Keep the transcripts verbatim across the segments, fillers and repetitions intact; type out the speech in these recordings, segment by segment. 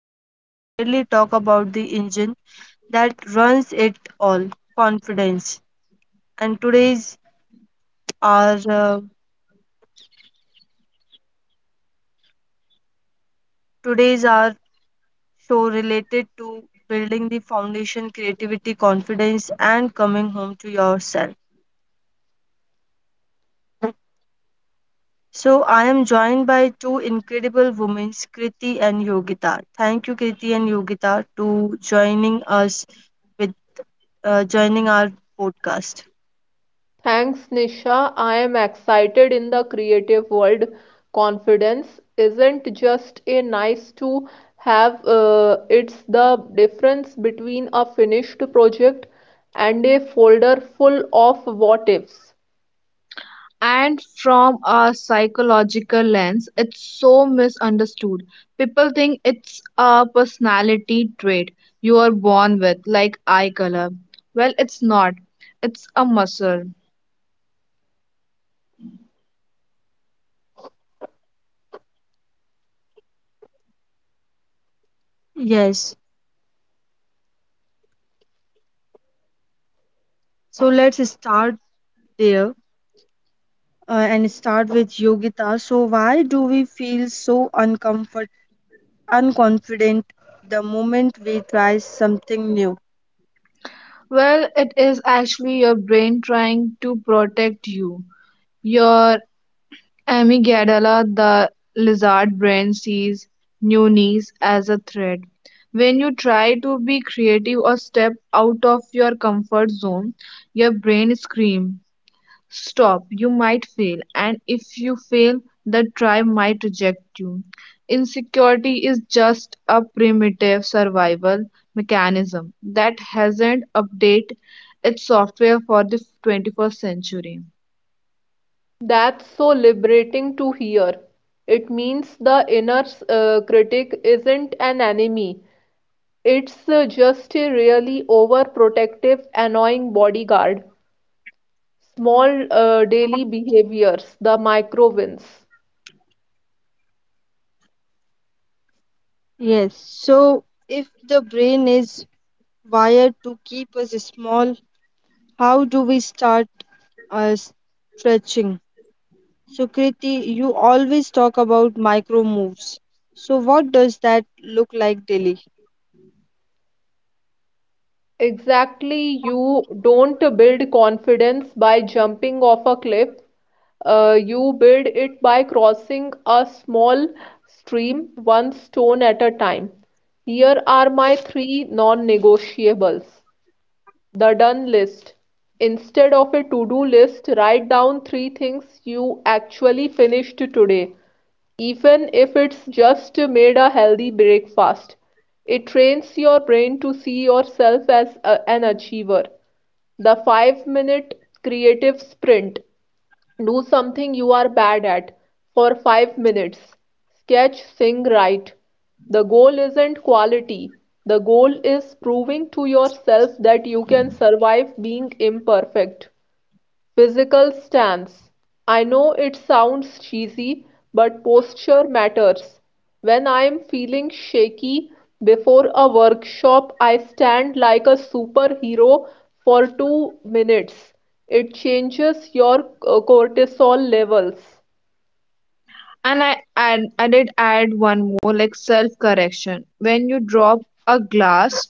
but we are rarely talk about the engine that runs it all, confidence. And today's our uh, today's our show related to building the foundation, creativity, confidence, and coming home to yourself. So I am joined by two incredible women, Kriti and Yogita. Thank you, Kriti and Yogita, to joining us with uh, joining our podcast. Thanks, Nisha. I am excited in the creative world. Confidence isn't just a nice to have, uh, It's the difference between a finished project and a folder full of what ifs. And from a psychological lens, it's so misunderstood. People think it's a personality trait you are born with, like eye color. Well, it's not, it's a muscle. Yes. So let's start there uh, and start with Yogita. So why do we feel so uncomfort unconfident the moment we try something new? Well, it is actually your brain trying to protect you. Your amygdala, the lizard brain, sees newness as a threat. When you try to be creative or step out of your comfort zone, your brain screams, stop, you might fail, and if you fail, the tribe might reject you. Insecurity is just a primitive survival mechanism that hasn't updated its software for the twenty-first century. That's so liberating to hear. It means the inner uh, critic isn't an enemy, it's uh, just a really overprotective, annoying bodyguard. Small uh, daily behaviors, the micro wins. Yes. So if the brain is wired to keep us small, how do we start uh, stretching. So, Kriti, you always talk about micro moves. So, what does that look like daily? Exactly, you don't build confidence by jumping off a cliff. Uh, you build it by crossing a small stream, one stone at a time. Here are my three non-negotiables. The done list. Instead of a to-do list, write down three things you actually finished today. Even if it's just made a healthy breakfast, it trains your brain to see yourself as a- an achiever. The five minute creative sprint. Do something you are bad at for five minutes. Sketch, sing, write. The goal isn't quality. The goal is proving to yourself that you can survive being imperfect. Physical stance: I know it sounds cheesy, but posture matters. When I'm feeling shaky before a workshop, I stand like a superhero for two minutes. It changes your uh, cortisol levels. And I, add, I did add one more, like self correction. When you drop a glass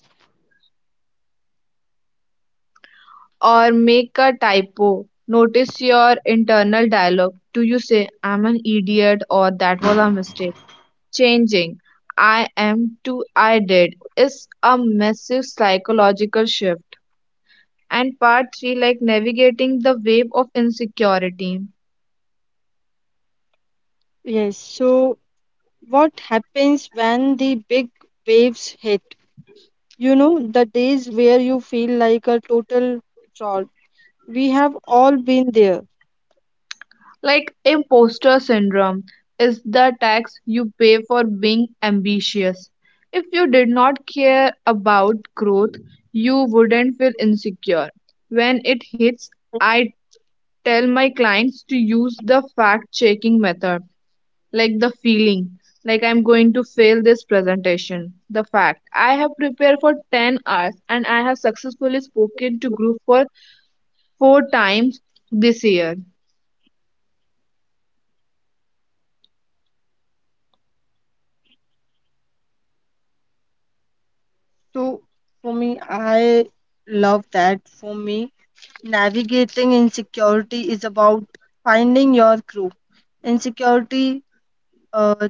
or make a typo, notice your internal dialogue. Do you say, I'm an idiot, or that was a mistake? Changing I am to I did is a massive psychological shift. And part three, like navigating the wave of insecurity. Yes. So, what happens when the big waves hit? You know, the days where you feel like a total fraud. We have all been there. Like, imposter syndrome is the tax you pay for being ambitious. If you did not care about growth, you wouldn't feel insecure. When it hits, I tell my clients to use the fact checking method, like, the feeling, like, I'm going to fail this presentation. The fact, I have prepared for ten hours and I have successfully spoken to group for four times this year. So, for me, I love that. For me, navigating insecurity is about finding your crew. Insecurity uh,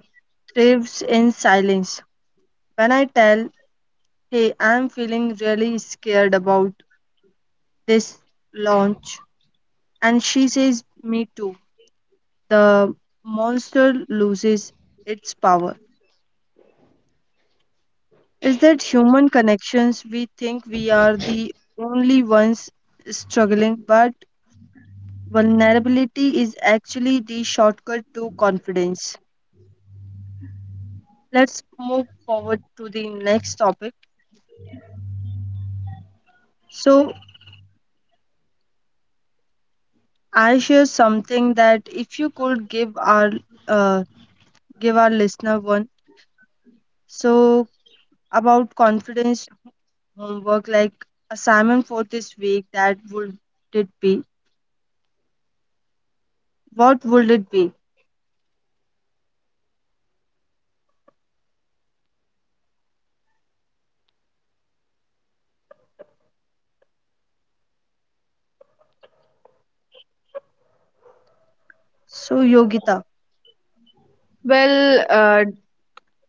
thrives in silence. When I tell, hey, I'm feeling really scared about this launch, and she says, me too, the monster loses its power. It's that human connections we think we are the only ones struggling, but vulnerability is actually the shortcut to confidence. Let's move forward to the next topic. So, I share something that if you could give our uh, give our listener one so about confidence homework like assignment for this week that would it be what would it be so Yogita. Well, uh,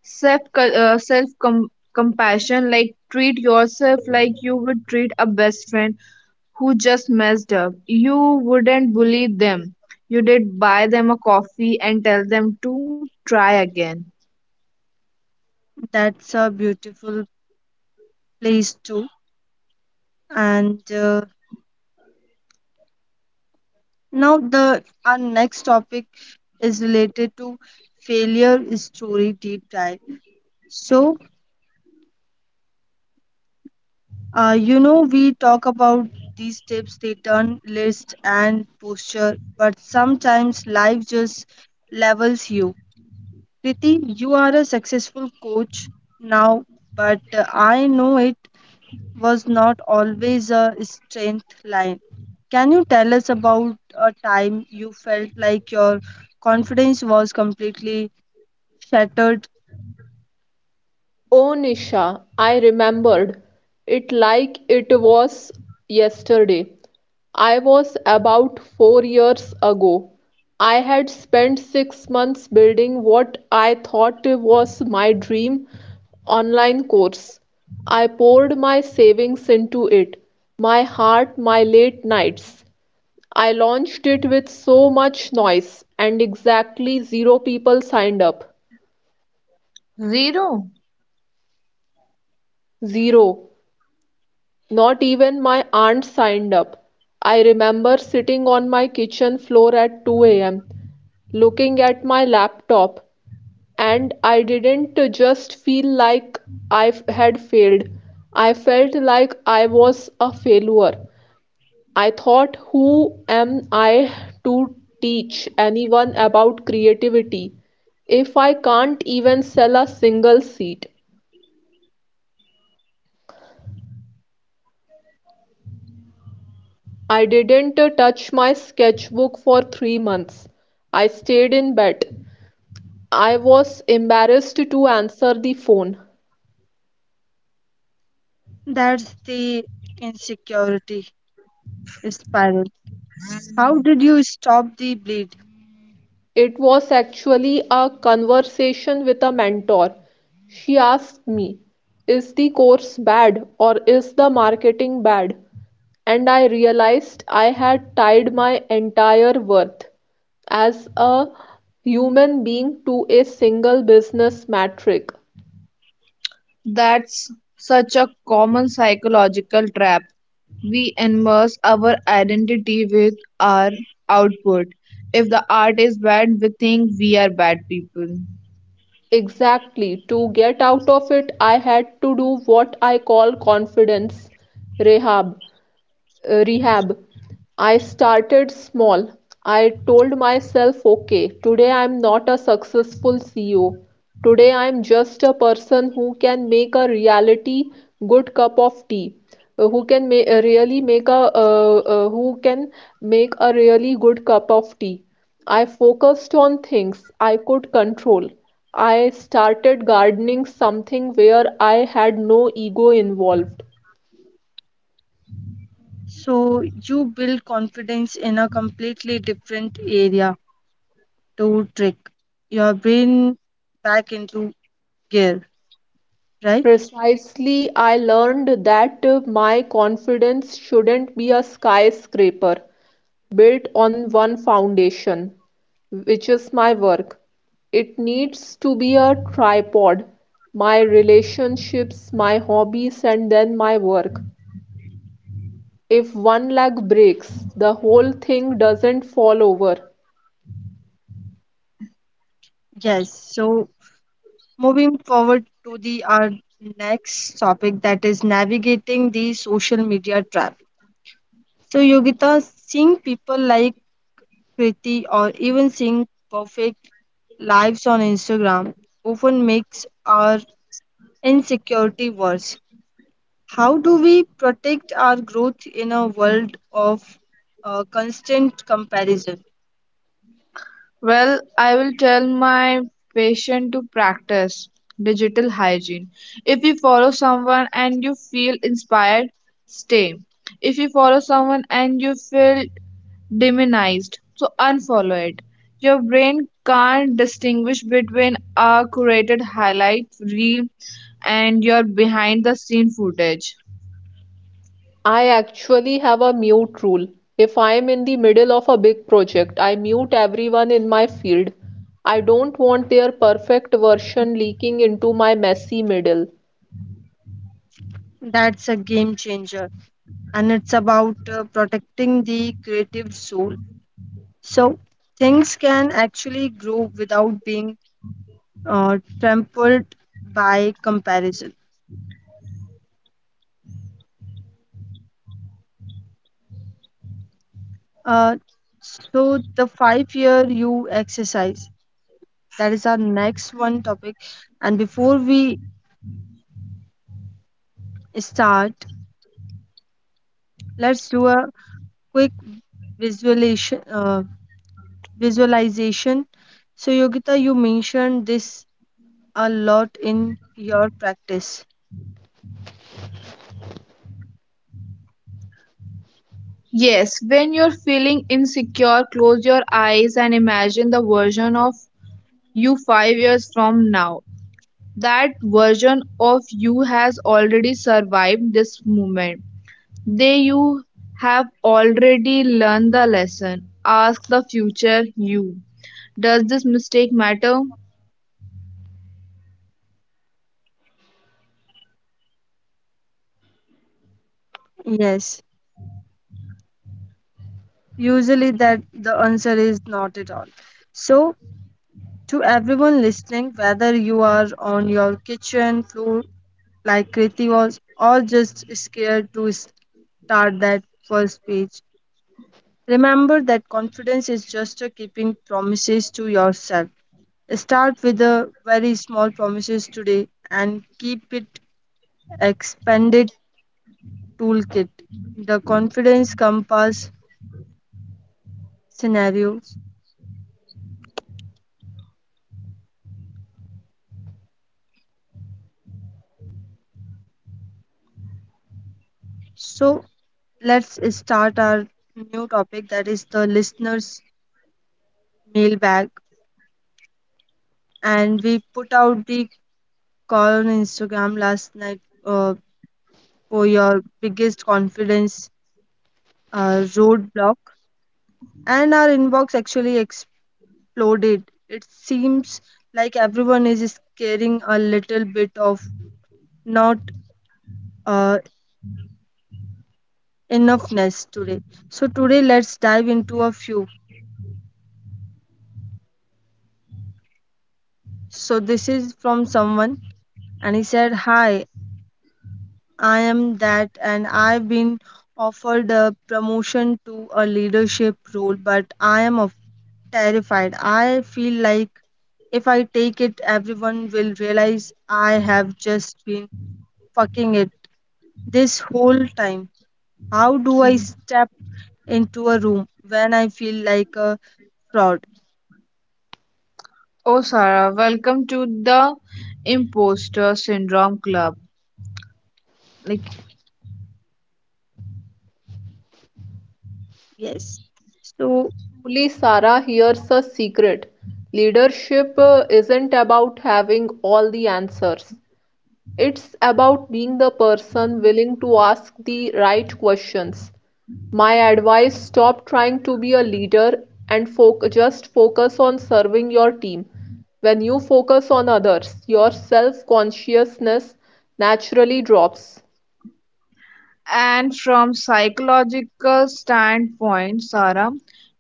self uh, self com- compassion, like, treat yourself like you would treat a best friend who just messed up. You wouldn't bully them. You did buy them a coffee and tell them to try again. That's a beautiful place too, and uh, now the our next topic is related to failure story deep dive. So Uh, you know, we talk about these tips, they turn list and posture, but sometimes life just levels you. Kriti, you are a successful coach now, but uh, I know it was not always a strength line. Can you tell us about a time you felt like your confidence was completely shattered? Oh, Nisha, I remembered it like it was yesterday. I was about four years ago. I had spent six months building what I thought was my dream online course. I poured my savings into it, my heart, my late nights. I launched it with so much noise, and exactly zero people signed up. Zero. Zero. Not even my aunt signed up. I remember sitting on my kitchen floor at two a m, looking at my laptop, and I didn't just feel like I had failed. I felt like I was a failure. I thought, who am I to teach anyone about creativity if I can't even sell a single seat? I didn't touch my sketchbook for three months. I stayed in bed. I was embarrassed to answer the phone. That's the insecurity spiral. How did you stop the bleed? It was actually a conversation with a mentor. She asked me, is the course bad or is the marketing bad? And I realized I had tied my entire worth as a human being to a single business metric. That's such a common psychological trap. We immerse our identity with our output. If the art is bad, we think we are bad people. Exactly. To get out of it, I had to do what I call confidence rehab uh, rehab. I started small. I told myself, okay, today I'm not a successful C E O. Today I'm just a person who can make a reality good cup of tea, uh, who can ma- uh, really make a uh, uh, who can make a really good cup of tea. I focused on things I could control. I started gardening something where I had no ego involved. So you build confidence in a completely different area to trick your brain back into gear, right? Precisely, I learned that uh, my confidence shouldn't be a skyscraper built on one foundation, which is my work. It needs to be a tripod, my relationships, my hobbies, and then my work. If one leg breaks, the whole thing doesn't fall over. Yes. So moving forward to the our next topic that is navigating the social media trap. So Yogita, seeing people like Kriti or even seeing perfect lives on Instagram often makes our insecurity worse. How do we protect our growth in a world of uh, constant comparison? Well, I will tell my patient to practice digital hygiene. If you follow someone and you feel inspired, stay. If you follow someone and you feel demonized, so unfollow it. Your brain can't distinguish between a curated highlight reel and your behind the scene footage. I actually have a mute rule. If I'm in the middle of a big project, I mute everyone in my field. I don't want their perfect version leaking into my messy middle. That's a game changer, and it's about uh, protecting the creative soul. So things can actually grow without being uh, trampled by comparison. Uh, so the five year you exercise, that is our next one topic, and before we start let's do a quick visualization visualization. So, Yogita, you mentioned this a lot in your practice. Yes, when you're feeling insecure, close your eyes and imagine the version of you five years from now. That version of you has already survived this moment. They you have already learned the lesson. Ask the future you, does this mistake matter? Yes, usually that the answer is not at all. So, to everyone listening, whether you are on your kitchen floor like Kriti was, or just scared to start that first page, remember that confidence is just a keeping promises to yourself. Start with the very small promises today and keep it expanded toolkit, the confidence compass scenarios. So let's start our new topic, that is the listeners mailbag. And we put out the call on Instagram last night uh, for your biggest confidence uh, roadblock, and our inbox actually exploded. It seems like everyone is carrying a little bit of not uh, enoughness today. So today let's dive into a few. So this is from someone, and he said, "Hi, I am that, and I've been offered a promotion to a leadership role, but I am of- terrified. I feel like if I take it, everyone will realize I have just been fucking it this whole time. How do I step into a room when I feel like a fraud?" Oh, Sarah, welcome to the Imposter Syndrome Club. Like. Yes. So Truly, Sarah, here's a secret. Leadership uh, isn't about having all the answers. It's about being the person willing to ask the right questions. My advice, stop trying to be a leader and foc just focus on serving your team. When you focus on others, your self-consciousness naturally drops. And from psychological standpoint, Sarah,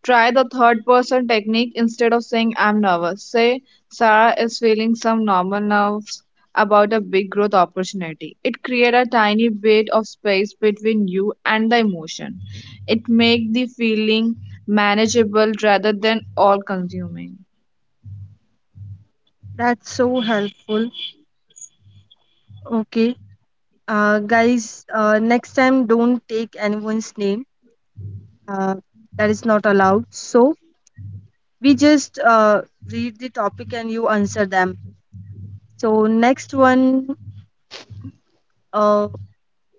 try the third person technique instead of saying I'm nervous. Say Sarah is feeling some normal nerves about a big growth opportunity. It creates a tiny bit of space between you and the emotion. It makes the feeling manageable rather than all consuming. that's so helpful. Okay. Uh, guys, uh, next time don't take anyone's name. Uh, that is not allowed. So we just uh, read the topic and you answer them. So next one, uh,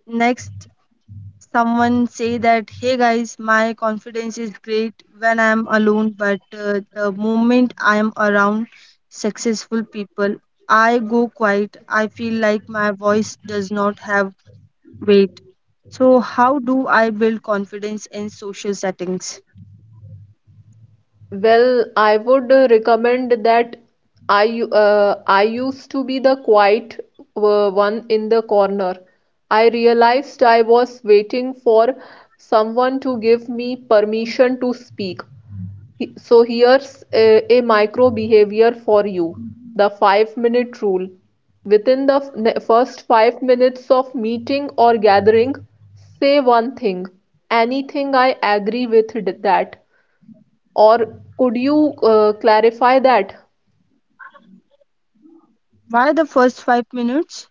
next someone say that, hey guys, my confidence is great when I am alone, but uh, the moment I am around successful people, I go quiet. I feel like my voice does not have weight. So, how do I build confidence in social settings? Well, I would uh, recommend that I u- uh, I used to be the quiet uh, one in the corner. I realized I was waiting for someone to give me permission to speak. He- So here's a, a micro behavior for you, the five minute rule. Within the f- ne- first five minutes of meeting or gathering, say one thing, anything I agree with d- that. Or could you uh, clarify that? Why the first five minutes?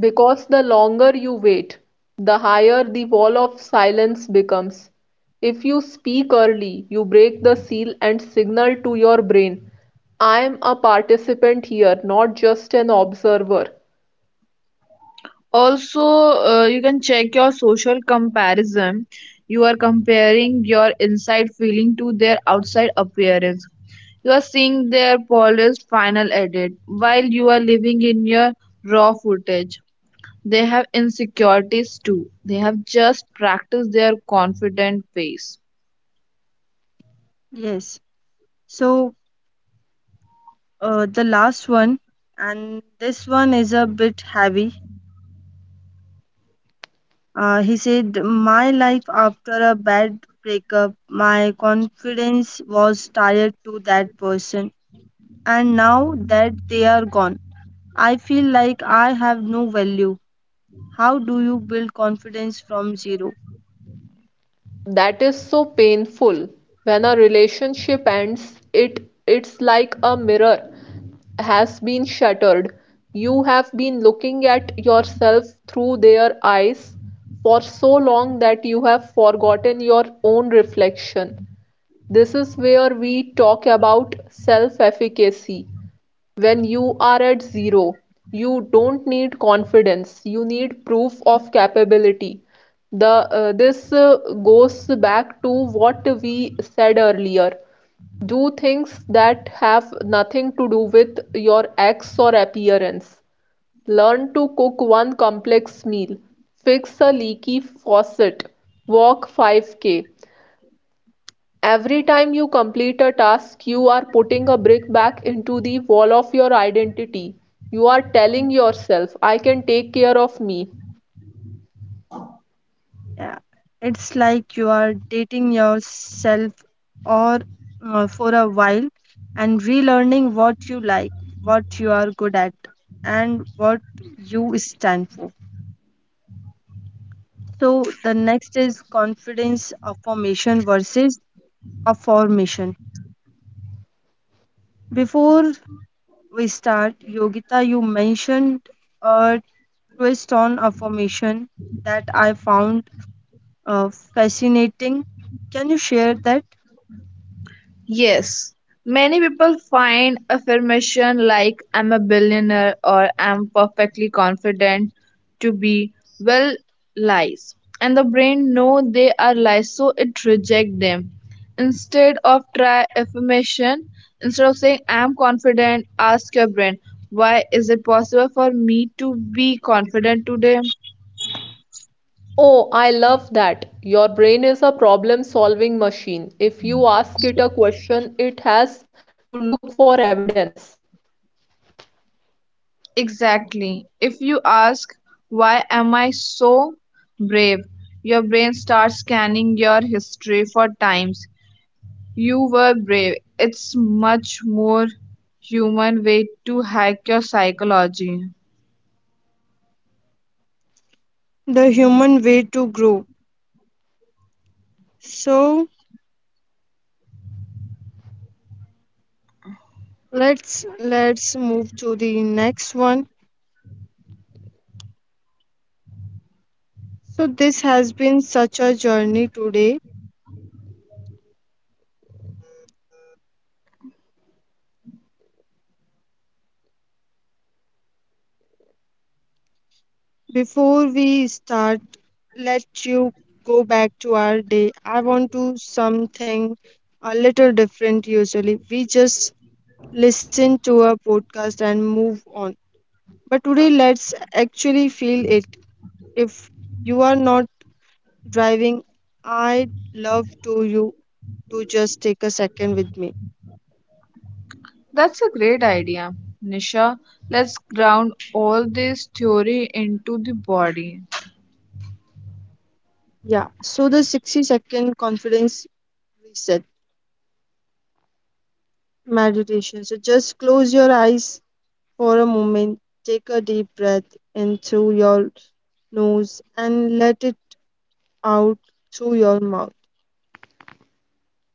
Because the longer you wait, the higher the wall of silence becomes. If you speak early, you break the seal and signal to your brain, I am a participant here, not just an observer. Also, uh, you can check your social comparison. You are comparing your inside feeling to their outside appearance. You are seeing their polished final edit while you are living in your raw footage. They have insecurities too. They have just practiced their confident face. Yes. So, uh, the last one, and this one is a bit heavy. Uh, he said, my life after a bad breakup, my confidence was tied to that person. And now that they are gone, I feel like I have no value. How do you build confidence from zero? That is so painful. When a relationship ends, it it's like a mirror has been shattered. You have been looking at yourself through their eyes for so long that you have forgotten your own reflection. This is where we talk about self-efficacy. When you are at zero, you don't need confidence, you need proof of capability. The, uh, this uh, goes back to what we said earlier. Do things that have nothing to do with your ex or appearance. Learn to cook one complex meal, fix a leaky faucet, walk five k. Every time you complete a task, you are putting a brick back into the wall of your identity. You are telling yourself, I can take care of me. Yeah, it's like you are dating yourself or uh, for a while and relearning what you like, what you are good at, and what you stand for. So the next is confidence affirmation versus affirmation. Before we start, Yogita, you mentioned a twist on affirmation that I found uh, fascinating. Can you share that? Yes, many people find affirmation like I'm a billionaire or I'm perfectly confident to be, well, lies, and the brain know they are lies, so it reject them. Instead of try affirmation, instead of saying I'm confident, ask your brain, why is it possible for me to be confident today? Oh, I love that. Your brain is a problem solving machine. If you ask it a question, it has to look for evidence. Exactly. If you ask, why am I so brave? Your brain starts scanning your history for times you were brave. It's much more human way to hack your psychology. The human way to grow. So let's let's move to the next one. So this has been such a journey today. Before we start, let you go back to our day. I want to something a little different usually. We just listen to a podcast and move on. But today let's actually feel it. If you are not driving, I love to you to just take a second with me. That's a great idea, Nisha. Let's ground all this theory into the body. Yeah, so the sixty second confidence reset meditation. So just close your eyes for a moment, take a deep breath in through your nose and let it out through your mouth.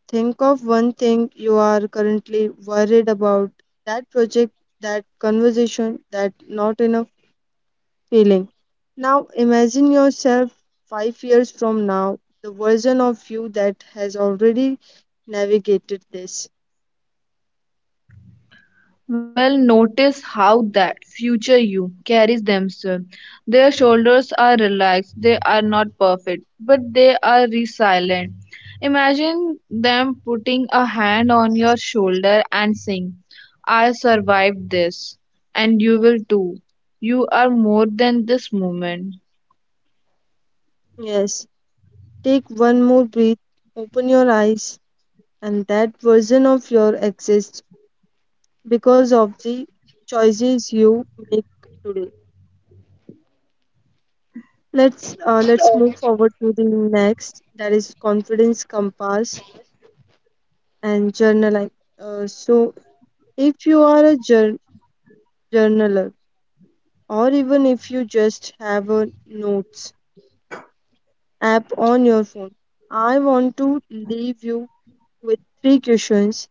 Think of one thing you are currently worried about, that project, that conversation, that not enough feeling. Now imagine yourself five years from now, the version of you that has already navigated this. Well, notice how that future you carries themselves. Their shoulders are relaxed, they are not perfect, but they are resilient. Imagine them putting a hand on your shoulder and saying, I survived this, and you will too. You are more than this moment. Yes, take one more breath, open your eyes, and that version of your exists because of the choices you make today. Let's uh, let's move forward to the next. That is confidence compass and journaling. Uh, so, if you are a jour- journaler, or even if you just have a notes app on your phone, I want to leave you with three questions.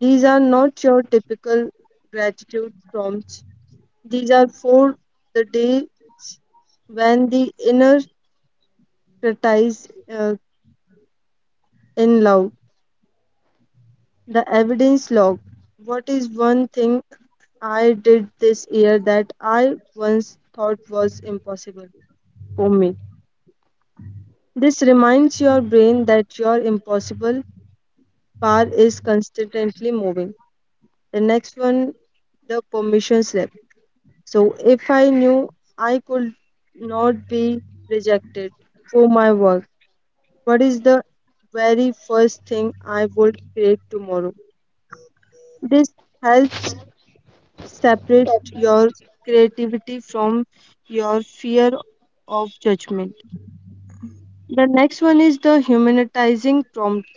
These are not your typical gratitude prompts. These are for the days when the inner criticized uh, in loud. The evidence log. What is one thing I did this year that I once thought was impossible for me? This reminds your brain that your impossible bar is constantly moving. The next one, the permission slip. So if I knew I could not be rejected for my work, what is the very first thing I would create tomorrow? This helps separate your creativity from your fear of judgment. The next one is the humanizing prompt.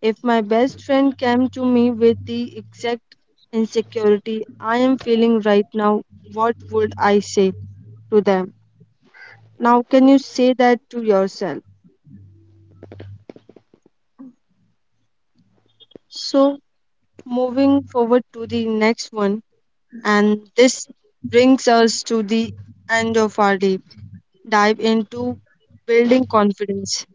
If my best friend came to me with the exact insecurity I am feeling right now, what would I say to them? Now, can you say that to yourself? So, moving forward to the next one, and this brings us to the end of our deep dive into building confidence.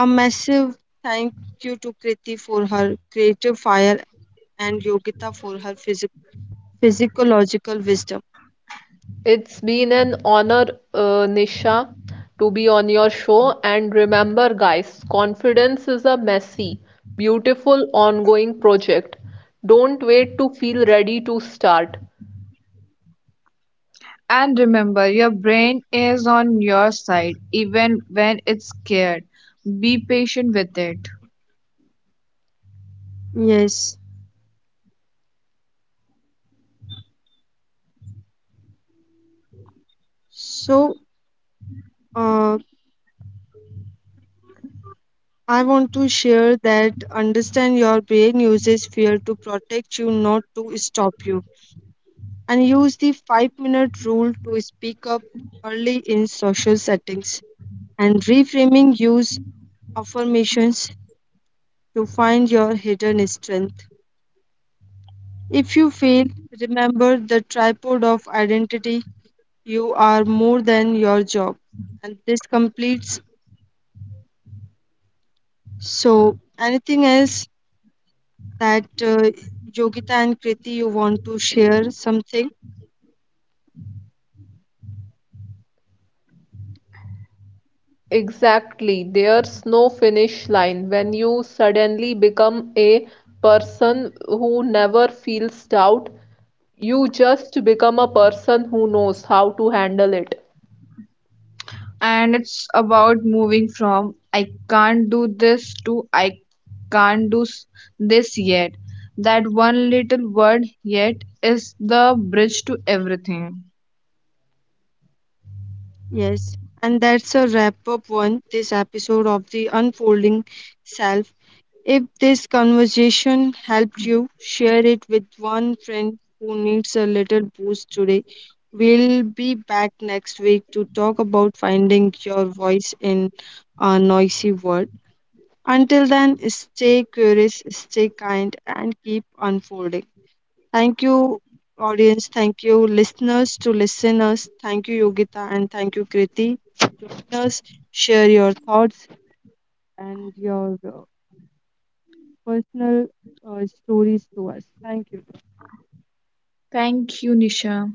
A massive thank you to Kriti for her creative fire and Yogita for her physic- physiological wisdom. It's been an honor, uh, Nisha, to be on your show. And remember, guys, confidence is a messy, beautiful, ongoing project. Don't wait to feel ready to start. And remember, your brain is on your side even when it's scared. Be patient with it. Yes. So, uh, I want to share that understand your brain uses fear to protect you, not to stop you. And use the five minute rule to speak up early in social settings, and reframing use affirmations to find your hidden strength. If you fail, remember the tripod of identity. You are more than your job. And this completes. So, anything else that uh, Yogita and Kriti you want to share something? Exactly, there's no finish line. When you suddenly become a person who never feels doubt, you just become a person who knows how to handle it. And it's about moving from I can't do this to I can't do s- this yet. That one little word, yet, is the bridge to everything. Yes. And that's a wrap up one this episode of The Unfolding Self. If this conversation helped you, share it with one friend who needs a little boost today. We'll be back next week to talk about finding your voice in a noisy world. Until then, stay curious, stay kind, and keep unfolding. Thank you, audience. Thank you, listeners to listeners. Thank you, Yogita, and thank you, Kriti. Join us, share your thoughts and your Uh, personal uh, stories to us. Thank you. Thank you, Nisha.